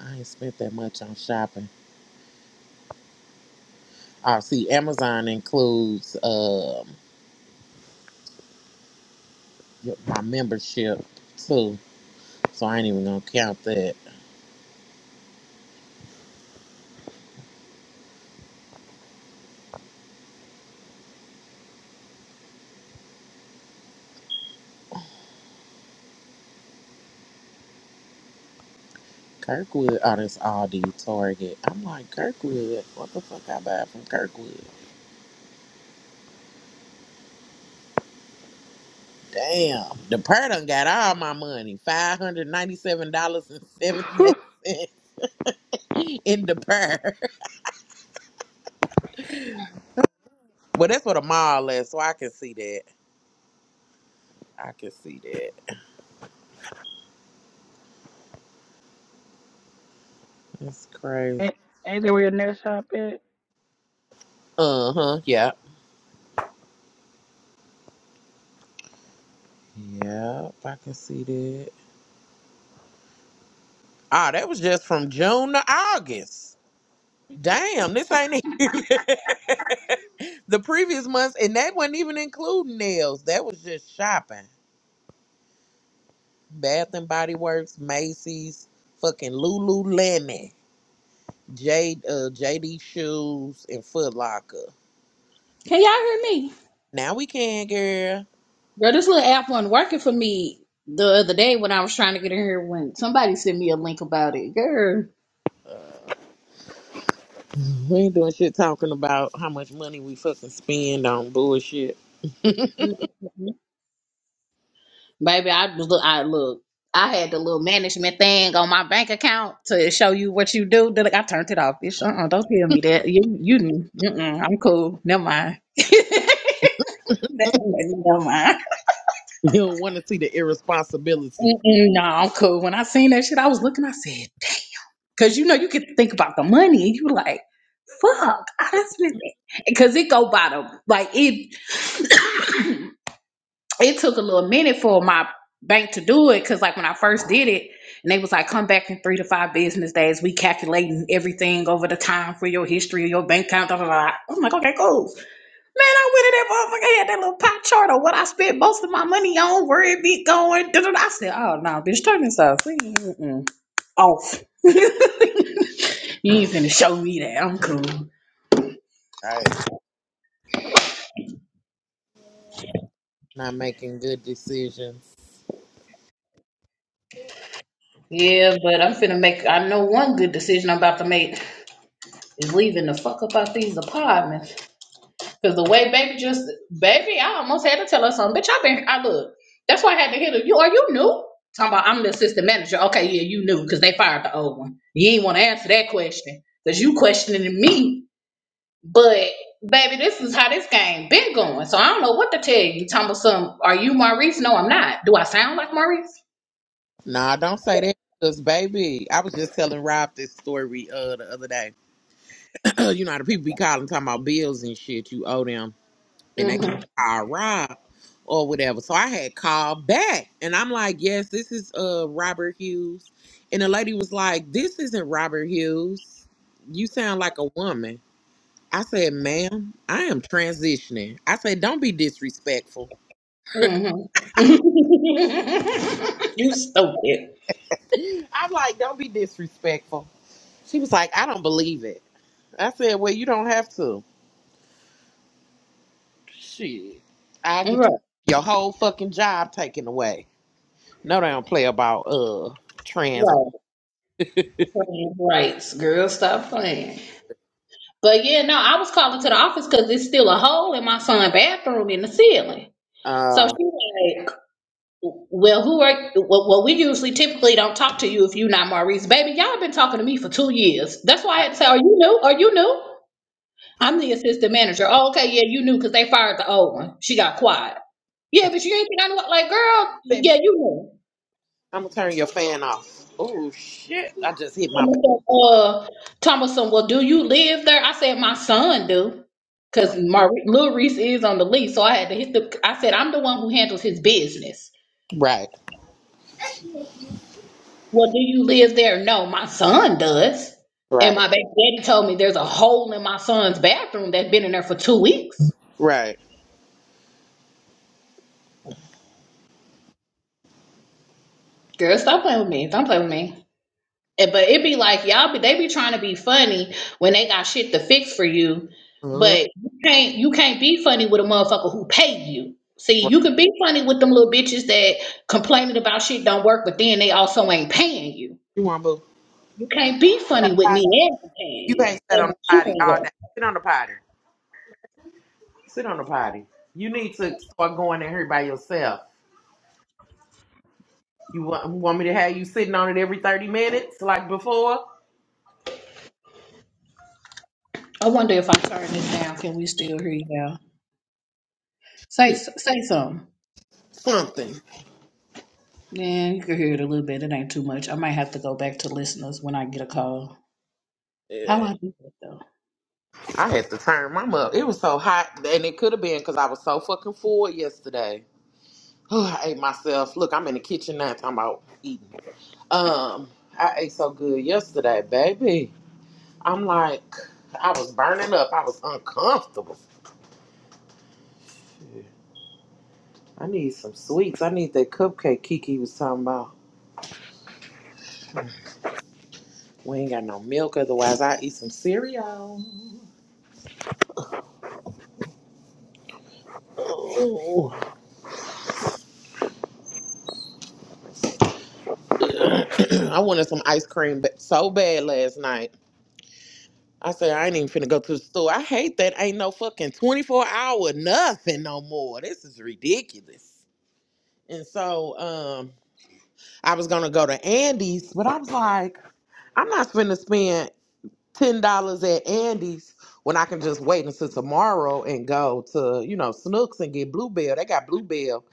Speaker 1: I ain't spent that much on shopping. Oh, see, Amazon includes um my membership too, so I ain't even gonna count that. Kirkwood, oh, that's Aldi, Target. I'm like Kirkwood. What the fuck I buy from Kirkwood? Damn, the purr done got all my money. Five hundred ninety-seven dollars and seventy-eight cents in the purr. Well, that's what a mall is, so I can see that. I can see that. That's crazy.
Speaker 2: Ain't, ain't there where your nail shop at?
Speaker 1: Uh huh. Yep. Yep. I can see that. Oh, that was just from June to August. Damn, this ain't even the previous months, and that wasn't even including nails. That was just shopping. Bath and Body Works, Macy's, fucking Lululemon. J uh, JD shoes and Foot Locker.
Speaker 3: Can y'all hear me?
Speaker 1: Now we can, girl.
Speaker 3: Bro, this little app wasn't working for me the other day when I was trying to get in here when somebody sent me a link about it. Girl.
Speaker 1: We ain't doing shit talking about how much money we fucking spend on bullshit.
Speaker 3: Mhm. Baby, I was look I look. I had the little management thing on my bank account to show you what you do. Then like, I turned it off. Bitch, uh-uh, don't tell me that. You you mm-mm, I'm cool. Never mind. Never mind.
Speaker 1: You don't want to see the irresponsibility.
Speaker 3: Mm-mm, no, I'm cool. When I seen that shit, I was looking, I said, because you know you get to think about the money. You like, fuck, I done spent because it go bottom. Like it, it took a little minute for my bank to do it because like when I first did it, and they was like, come back in three to five business days. We calculating everything over the time for your history of your bank account. Blah, blah, blah. I'm like, okay, cool. Man, I went in that motherfucker had that little pie chart of what I spent most of my money on, where it be going. Da, da, da. I said, oh no, bitch, turn this off. We- Mm-mm. Off. you ain't finna show me that. I'm cool.
Speaker 1: Right. Not making good decisions.
Speaker 3: Yeah, but I'm finna make. I know one good decision I'm about to make is leaving the fuck up out these apartments. Cause the way baby just baby, I almost had to tell her something. Bitch, I been. I look. That's why I had to hit her. You are you new? Talking about I'm the assistant manager. Okay, yeah, you knew because they fired the old one. You ain't want to answer that question because you questioning me. But baby, this is how this game been going. So I don't know what to tell you. Talking about some. Are you Maurice? No, I'm not. Do I sound like Maurice?
Speaker 1: Nah, don't say that. Cause baby, I was just telling Rob this story uh the other day. you know how the people be calling talking about bills and shit you owe them and they
Speaker 3: Mm-hmm.
Speaker 1: called Rob or whatever. So I had called back and I'm like, yes, this is uh Robert Hughes. And the lady was like, This isn't Robert Hughes. You sound like a woman. I said, ma'am, I am transitioning. I said, don't be disrespectful.
Speaker 3: hmm you stupid.
Speaker 1: I'm like, don't be disrespectful. She was like, I don't believe it. I said, well, you don't have to. Shit. I'll get
Speaker 3: Right,
Speaker 1: your whole fucking job taken away. No, they don't play about uh trans.
Speaker 3: right. Playing rights, girl, stop playing. But yeah, no, I was calling to the office because it's still a hole in my son's bathroom in the ceiling. So
Speaker 1: Uh,
Speaker 3: she like, well, who are? Well, well, we usually typically don't talk to you if you not Maurice, baby. Y'all been talking to me for two years. That's why I had to say, are you new? Are you new? I'm the assistant manager. Oh, okay, yeah, you knew because they fired the old one. She got quiet. Yeah, but you ain't think I knew. Like, girl,
Speaker 1: Baby,
Speaker 3: yeah, you knew.
Speaker 1: I'm gonna turn your fan off. Oh shit! I just hit my back.
Speaker 3: Thomas said, Uh, Thomason, well, do you live there? I said, my son do, because Lil Reese is on the lease. So I had to hit the. I said, I'm the one who handles his business.
Speaker 1: Right,
Speaker 3: Well, do you live there? No, my son does. And
Speaker 1: right,
Speaker 3: my baby daddy told me there's a hole in my son's bathroom that's been in there for two weeks.
Speaker 1: right.
Speaker 3: Girl, stop playing with me. Don't play with me. And- But it be like y'all be they be trying to be funny when they got shit to fix for you,
Speaker 1: Mhm.
Speaker 3: but you can't you can't be funny with a motherfucker who paid you. See,
Speaker 1: right.
Speaker 3: you can be funny with them little bitches that complaining about shit don't work, but then they also ain't paying you.
Speaker 1: You want boo?
Speaker 3: You can't be
Speaker 1: That
Speaker 3: funny with
Speaker 1: potty.
Speaker 3: me and paying
Speaker 1: You
Speaker 3: you.
Speaker 1: ain't sat on
Speaker 3: And
Speaker 1: the
Speaker 3: you
Speaker 1: potty
Speaker 3: ain't
Speaker 1: all day.
Speaker 3: work.
Speaker 1: Sit on the potty. Sit on the potty. You need to start going in here by yourself. You want, want me to have you sitting on it every thirty minutes like before?
Speaker 3: I wonder if I turn this down, can we still hear you now? Say
Speaker 1: Yeah.
Speaker 3: say something.
Speaker 1: Something.
Speaker 3: Yeah, you can hear it a little bit. It ain't too much. I might have to go back to listeners when I get a call. How
Speaker 1: Yeah.
Speaker 3: I do that though?
Speaker 1: I had to turn mine up. It was so hot, and it could have been because I was so fucking full yesterday. I ate myself. Look, I'm in the kitchen now talking about eating. Um, I ate so good yesterday, baby. I'm like, I was burning up. I was uncomfortable. I need some sweets. I need that cupcake Kiki was talking about. We ain't got no milk, otherwise I eat some cereal. Ooh. I wanted some ice cream ba- so bad last night. I said I ain't even finna go to the store. I hate that ain't no fucking twenty four hour nothing no more. This is ridiculous. And so um, I was gonna go to Andy's, but I was like. I'm not finna spend ten dollars at Andy's when I can just wait until tomorrow and go to you know Snooks and get Bluebell. They got Bluebell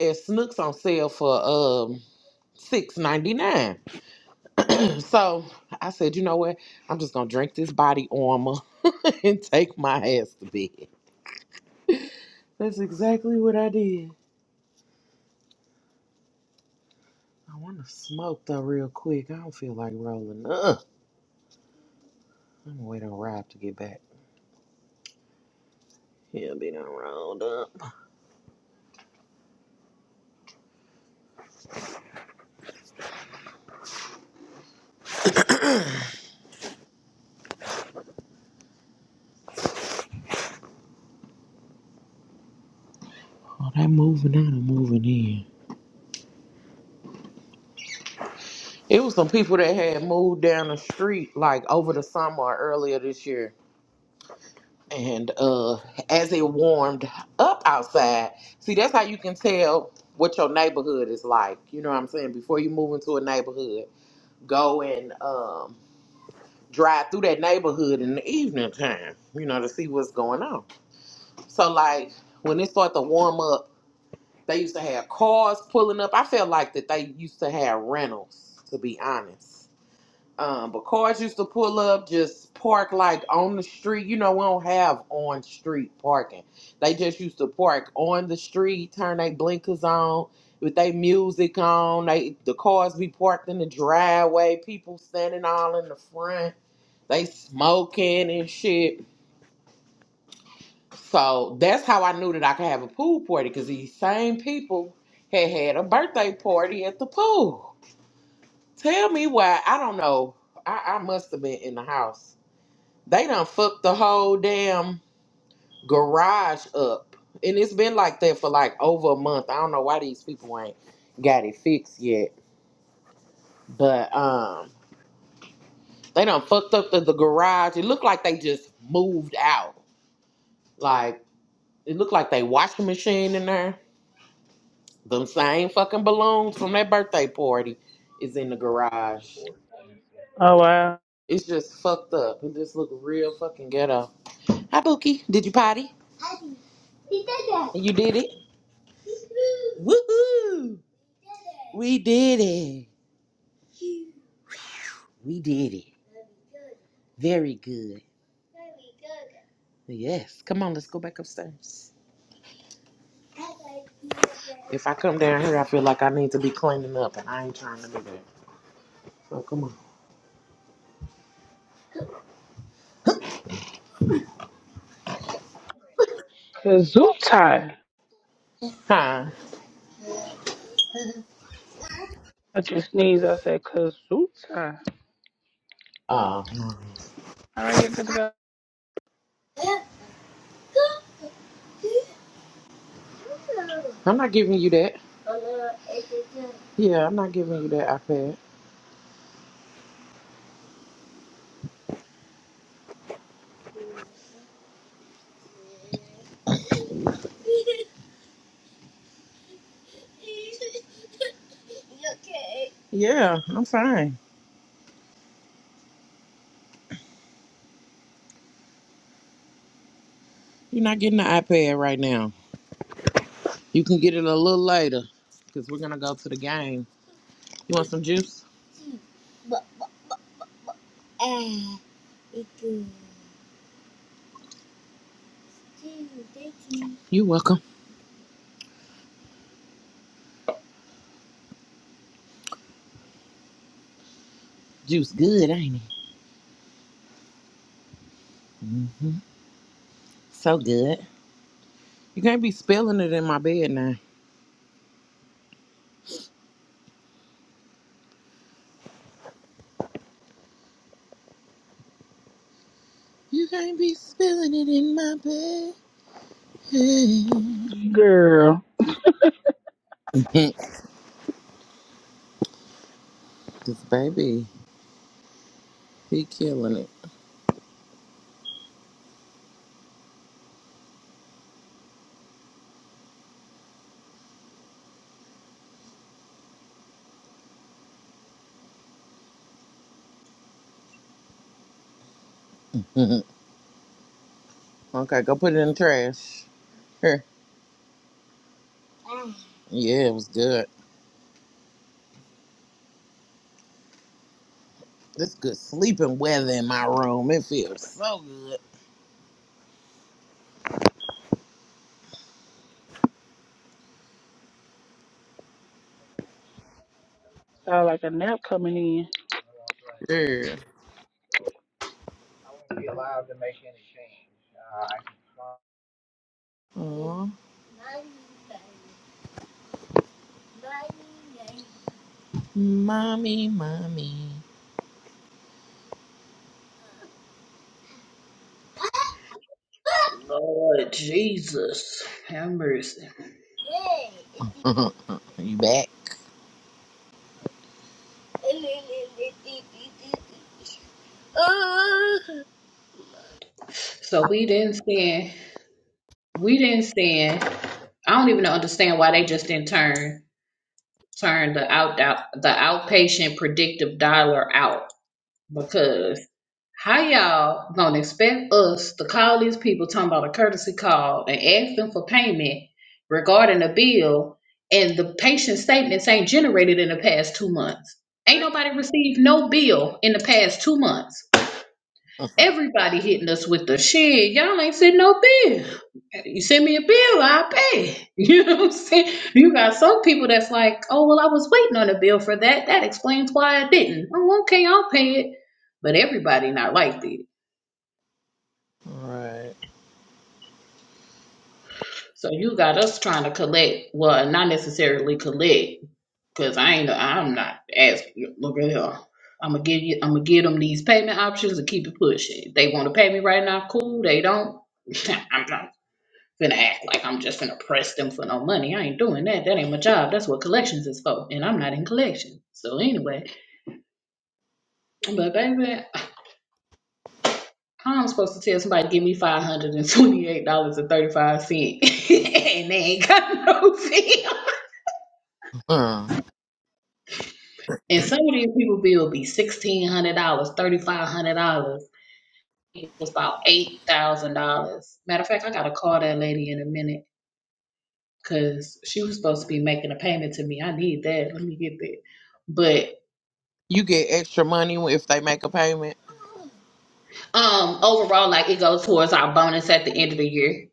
Speaker 1: at Snooks on sale for um six ninety nine. so I said, you know what? I'm just gonna drink this body armor and take my ass to bed. That's exactly what I did. I want to smoke though real quick. I don't feel like rolling up. I'm gonna wait on Rob to get back. He'll be done rolled up. Oh, they moving out and moving in. It was some people that had moved down the street like over the summer or earlier this year. And uh as it warmed up outside, see that's how you can tell what your neighborhood is like. You know what I'm saying? Before you move into a neighborhood, go and um drive through that neighborhood in the evening time, you know, to see what's going on. So like when it started to warm up, they used to have cars pulling up. I felt like that they used to have rentals, to be honest Um, but cars used to pull up, just park like on the street. You know, we don't have on street parking. They just used to park on the street, turn their blinkers on, with their music on. They the cars be parked in the driveway, people standing all in the front, they smoking and shit. So that's how I knew that I could have a pool party, because these same people had had a birthday party at the pool. Tell me why I don't know. I, I must have been in the house They done fucked the whole damn garage up. And it's been like that for like over a month. I don't know why these people ain't got it fixed yet. But um they done fucked up the, the garage. It looked like they just moved out. Like it looked like they washing machine in there. Them same fucking balloons from that birthday party is in the garage.
Speaker 2: Oh wow.
Speaker 1: It's just fucked up. It just look real fucking ghetto. Hi Bookie. Did you potty? Hi. You did. that. You did it. Woohoo! We did it. We did it. Very good. Very good! Yes. Come on, let's go back upstairs. If I come down here, I feel like I need to be cleaning up, and I ain't trying to do that. So come on.
Speaker 2: Kazootai.
Speaker 1: Hi.
Speaker 2: I just sneeze. I said Kazootai.
Speaker 1: Uh,
Speaker 2: All right, here, good to go.
Speaker 1: I'm not giving you that. Yeah, I'm not giving you that iPad. You okay? Yeah, I'm fine. You're not getting the iPad right now. You can get it a little later because we're going to go to the game. You want some juice? But, but, but, ah, it's good. Thank you, thank you. You're welcome. Juice good, ain't it? hmm So good. You can't be spilling it in my bed now. You can't be spilling it in my bed.
Speaker 2: Girl,
Speaker 1: this baby, he killing it. okay, go put it in the trash. Here. Mm. Yeah, it was good. This good sleeping weather in my room. It feels so
Speaker 2: sound like a nap coming in.
Speaker 1: good. Yeah. Aw. Mommy, mommy.
Speaker 3: Lord Jesus, have mercy.
Speaker 1: you back?
Speaker 3: So we didn't send. We didn't send. I don't even understand why they just didn't turn turn the out, out the outpatient predictive dialer out because how y'all gonna expect us to call these people talking about a courtesy call and ask them for payment regarding a bill and the patient statements ain't generated in the past two months? Ain't nobody received no bill in the past two months. Everybody hitting us with the shit. Y'all ain't sent no bill. You send me a bill, I'll pay. You know what I'm saying? You got some people that's like, oh, well, I was waiting on a bill for that. That explains why I didn't. Oh, okay, I'll pay it. But everybody not like that.
Speaker 1: right.
Speaker 3: So you got us trying to collect, well, not necessarily collect, because I ain't, I'm not asking. Look at here. I'm gonna give you. I'm gonna give them these payment options and keep it pushing. If they want to pay me right now, cool. They don't. I'm not. finna act like I'm just finna press them for no money. I ain't doing that. That ain't my job. That's what collections is for. And I'm not in collections. So anyway, but baby, how I'm supposed to tell somebody to give me five hundred and twenty eight dollars and thirty five cent, and they ain't got no bill.
Speaker 1: Huh.
Speaker 3: And some of these people bill be sixteen hundred dollars, thirty five hundred dollars. It was about eight thousand dollars. Matter of fact, I gotta call that lady in a minute because she was supposed to be making a payment to me. I need that. Let me get that. But.
Speaker 1: You get extra money if they make a payment.
Speaker 3: Um, overall, like it goes towards our bonus at the end of the year.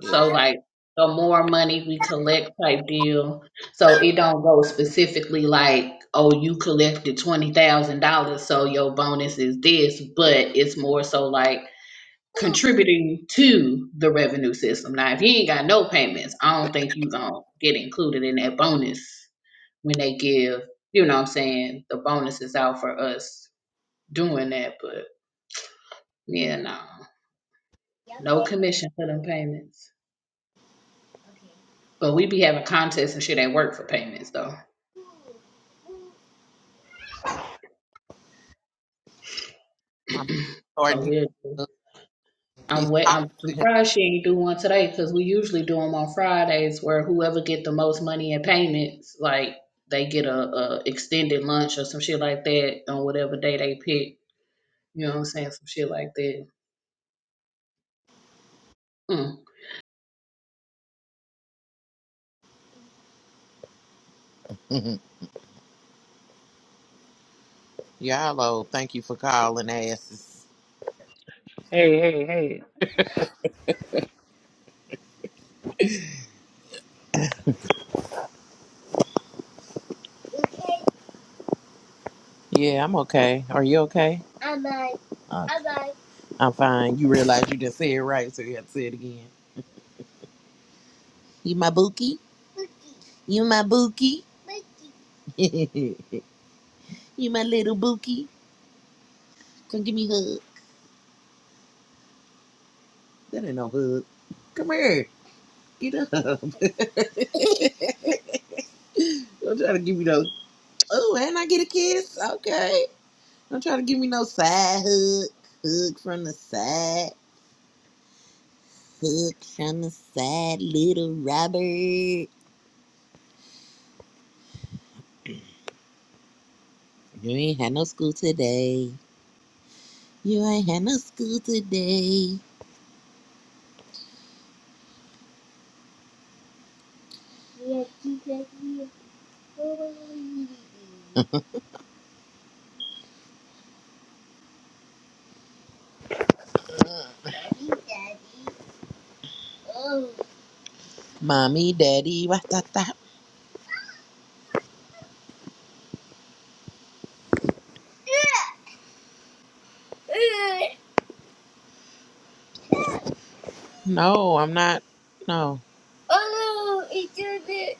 Speaker 1: Yeah.
Speaker 3: So like the more money we collect type deal. So it don't go specifically like, oh, you collected twenty thousand dollars, so your bonus is this, but it's more so like contributing to the revenue system. Now if you ain't got no payments, I don't think you gonna get included in that bonus when they give, you know what I'm saying, the bonus is out for us doing that, but yeah, no. No commission for them payments. But we be having contests and shit at work for payments though.
Speaker 1: My
Speaker 3: so
Speaker 1: Jordan,
Speaker 3: we're
Speaker 1: he's, he's
Speaker 3: I'm wait
Speaker 1: talking
Speaker 3: I'm
Speaker 1: to him.
Speaker 3: surprised she ain't do one today because we usually do them on Fridays where whoever get the most money in payments, like they get a, a extended lunch or some shit like that on whatever day they pick. You know what I'm saying? Some shit like that. Mm.
Speaker 1: Mhm. Yeah, hello. Thank you for calling, asses.
Speaker 2: Hey, hey, hey.
Speaker 1: Yeah, I'm okay. Are you okay? I'm fine. Okay. I'm fine. You realize you didn't say it right, so you have to say it again. You my bookie? Bookie. You my bookie? Bookie. you my little bookie? Come give me a hug. That ain't no hug. Come here. Get up. Don't try to give me no. Oh, and I get a kiss. Okay. Don't try to give me no side hug. Hug from the side. Hug from the side, little Robert. You ain't had no school today. You ain't had no school today. Yeah, you got me a pony. Daddy, daddy, oh. Mommy, daddy, what the that? No, I'm not. No. Oh no, it's your bit.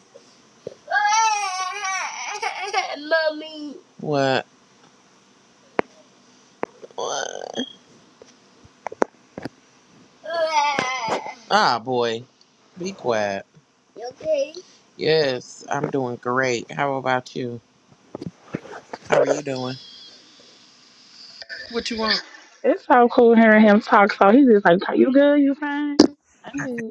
Speaker 1: Mommy. What? What? Ah, boy. Be quiet. You okay? Yes, I'm doing great. How about you? How are you doing? What you want?
Speaker 2: It's so cool hearing him talk. So he's just like, "You good? You fine? I'm good."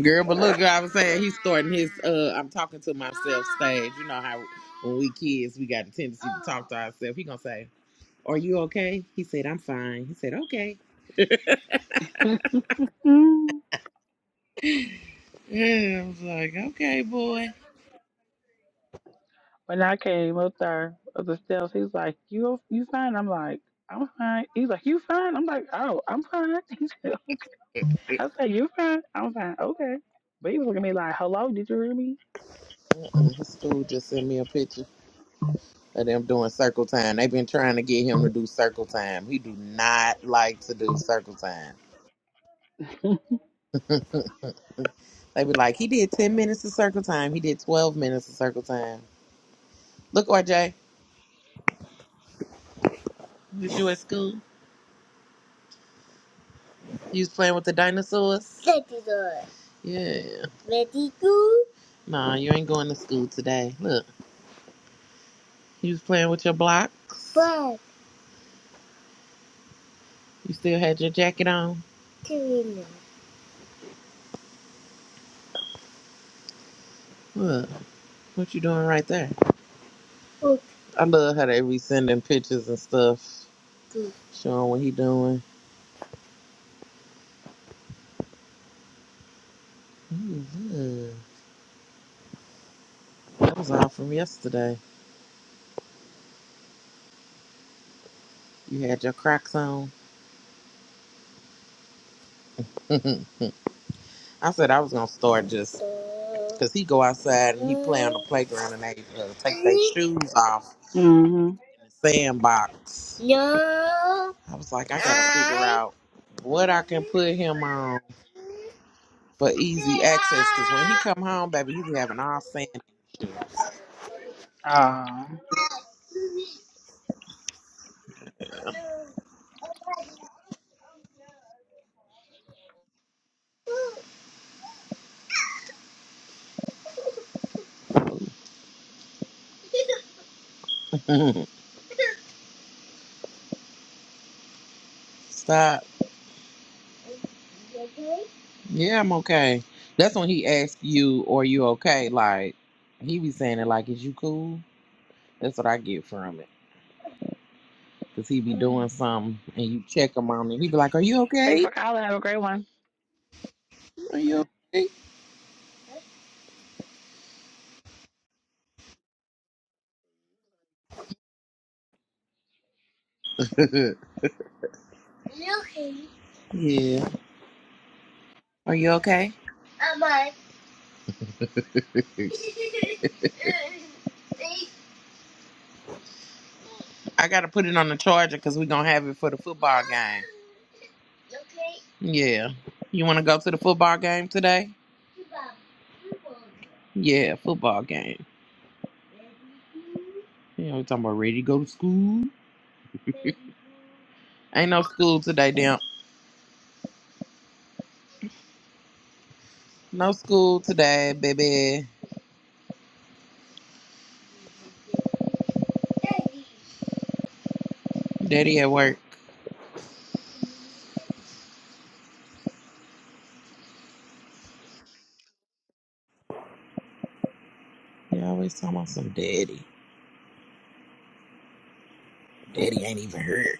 Speaker 1: Girl, but look, I was saying he's starting his uh I'm talking to myself stage. You know how when we kids we got a tendency to talk to ourselves. He gonna say, Are you okay? He said, I'm fine. He said, Okay.
Speaker 2: Mm.
Speaker 1: Yeah, I was like, Okay, boy.
Speaker 2: when I came up there up the steps, he's like, "You you fine?" I'm like, "I'm fine." He's like, "You fine?" I'm like, "Oh, I'm fine." I was like, "You fine? I'm fine. Okay." But he was looking at me like, "Hello, did you hear me?"
Speaker 1: Uh, His school just sent me a picture. of them doing circle time. They've been trying to get him to do circle time. He do not like to do circle time. They be like, he did ten minutes of circle time. He did twelve minutes of circle time. Look, RJ, was you at school? You was playing with the dinosaurs. Dinosaurs. Yeah. Ready go? Nah, you ain't going to school today. Look, you was playing with your blocks. Block. You still had your jacket on. Doing Look, what you doing right there? Okay. I love how they be sending pictures and stuff, Good. showing what he doing. Mhm. That was all from yesterday. You had your Crocs on. I said I was gonna start just because he go outside and he play on the playground and they uh, take their shoes off
Speaker 2: mm-hmm.
Speaker 1: in the sandbox. No. I was like, I gotta figure out what I can put him on for easy access. Cause when he come home, baby, he be having all sand.
Speaker 2: Um,
Speaker 1: Stop. Yeah, I'm okay. That's when he asked you, "Are you okay?" Like he be saying it like, "Is you cool?" That's what I get from it. Cause he be doing something and you check him on it. He be like, "Are you
Speaker 2: thank you
Speaker 1: okay?
Speaker 2: for calling. Have a great one.
Speaker 1: Are
Speaker 2: Yeah.
Speaker 1: you okay?" Yeah. Are you okay? I gotta put it on the charger because we're gonna have it for the football game. Okay. Yeah. You wanna go to the football game today? Yeah, football game. Yeah, we talking about ready to go to school. Ain't no school today, damn. No school today, baby. Daddy Daddy at work. You always talking about some daddy. Daddy ain't even here.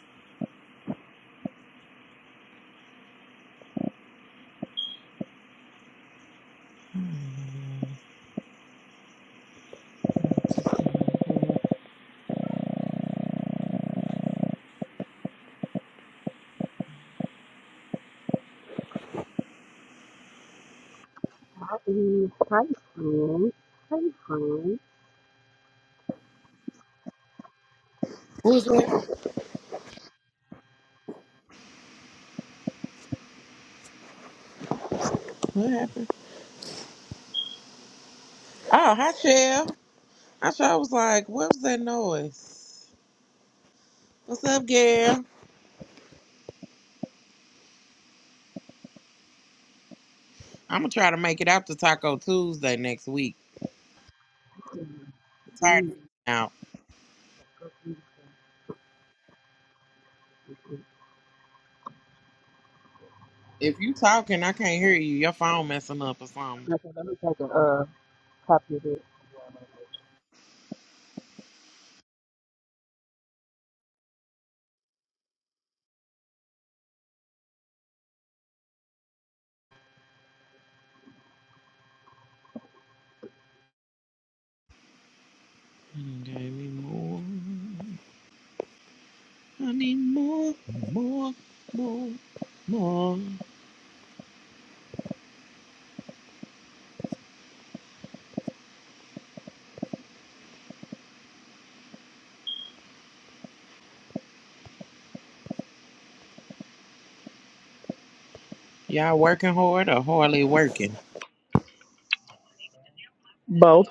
Speaker 1: Hmm.
Speaker 4: Hi, Eve. Hi, Slim. Hi, Frank.
Speaker 1: Who's that? What happened? Oh, hi, Shell. I sure was like, what was that noise? What's up, girl?" I'm gonna try to make it out to Taco Tuesday next week. I'm tired of
Speaker 4: Hmm.
Speaker 1: being out. If you talking, I can't hear you. Your phone messing up or something.
Speaker 4: Okay, so let me take a uh, copy of
Speaker 1: Give me more. I need more, more, more, more. Y'all working hard or hardly working?
Speaker 2: Both.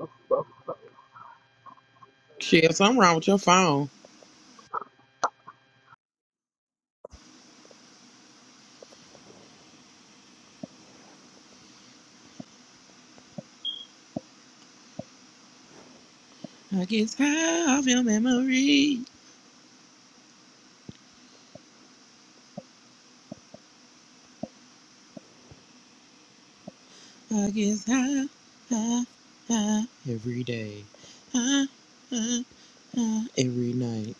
Speaker 4: it.
Speaker 1: Shit, something wrong with your phone. I guess high off your memory. I guess high, high, high every day. High, high. Uh, every night.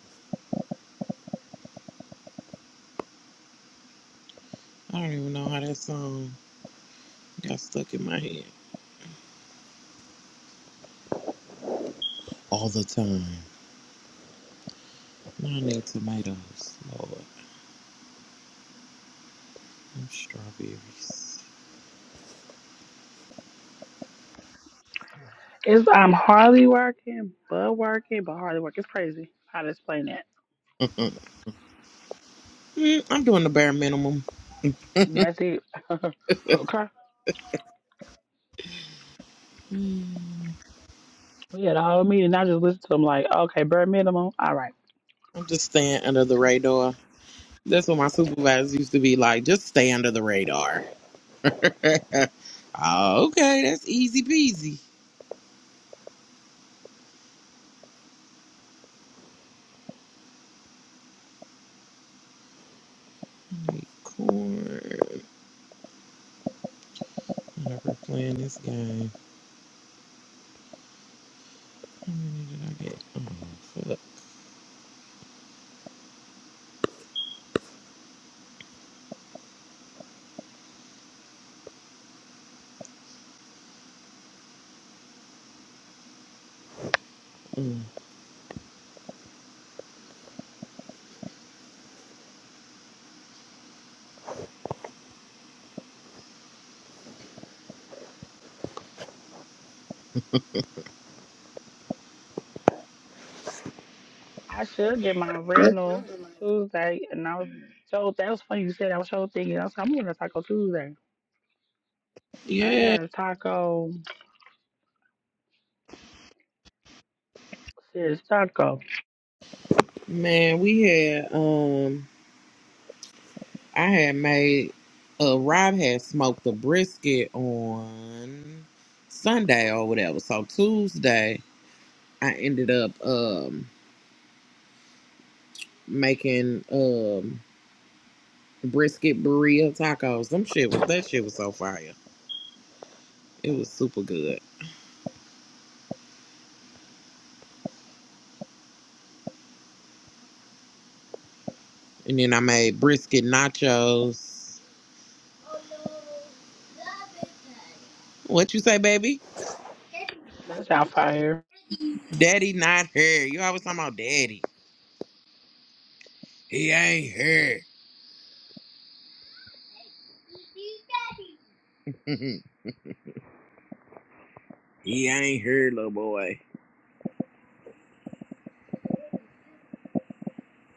Speaker 1: I don't even know how that song got stuck in my head. All the time. Now I need tomatoes, Lord. And strawberries.
Speaker 2: It's I'm hardly working, but working, but hardly working It's crazy how to explain that.
Speaker 1: Mm, I'm doing the bare minimum.
Speaker 2: That's it. okay. We had a whole meeting. I just listened to them like, okay, bare minimum. All right.
Speaker 1: I'm just staying under the radar. That's what my supervisors used to be like. Just stay under the radar. Oh, okay, that's easy peasy. I need corn. I'm Never playing this game. How many did I get? Oh, fuck. Mm.
Speaker 2: I should get my rental Tuesday. And I was so that was funny you said that. I was so thinking. I was like, I'm gonna taco Tuesday. I
Speaker 1: Yeah,
Speaker 2: had a taco. Serious taco.
Speaker 1: man, we had um. I had made uh Rob had smoked a brisket on Sunday or whatever. So Tuesday I ended up um making um brisket burrito tacos. Them shit was that shit was so fire. It was super good. And then I made brisket nachos. What you say, baby?
Speaker 2: That sound fire.
Speaker 1: Daddy not here. You always talking about daddy. He ain't here. he ain't here, little boy.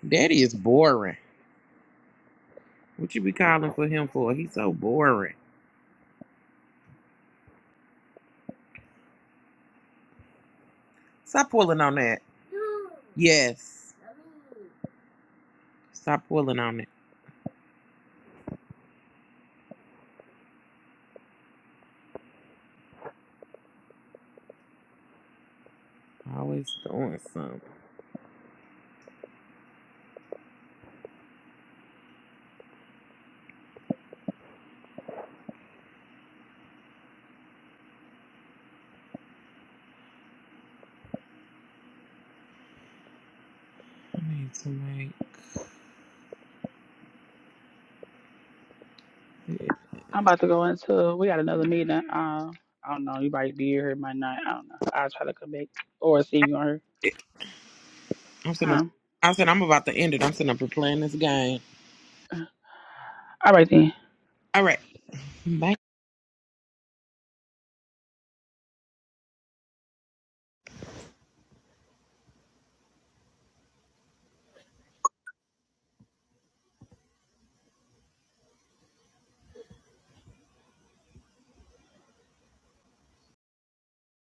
Speaker 1: Daddy is boring. What you be calling for him for? He's so boring. Stop pulling on that. No. Yes. No. Stop pulling on it. Always doing something. I need to make
Speaker 2: I'm about to go into. We got another meeting. Uh, I don't know. You might be here, might not. I don't know. I'll try to come back or see if you on here.
Speaker 1: it. I'm sitting up,
Speaker 2: Huh?
Speaker 1: I said I'm about to end it. I'm sitting up and playing this game.
Speaker 2: All right then.
Speaker 1: All right. Bye.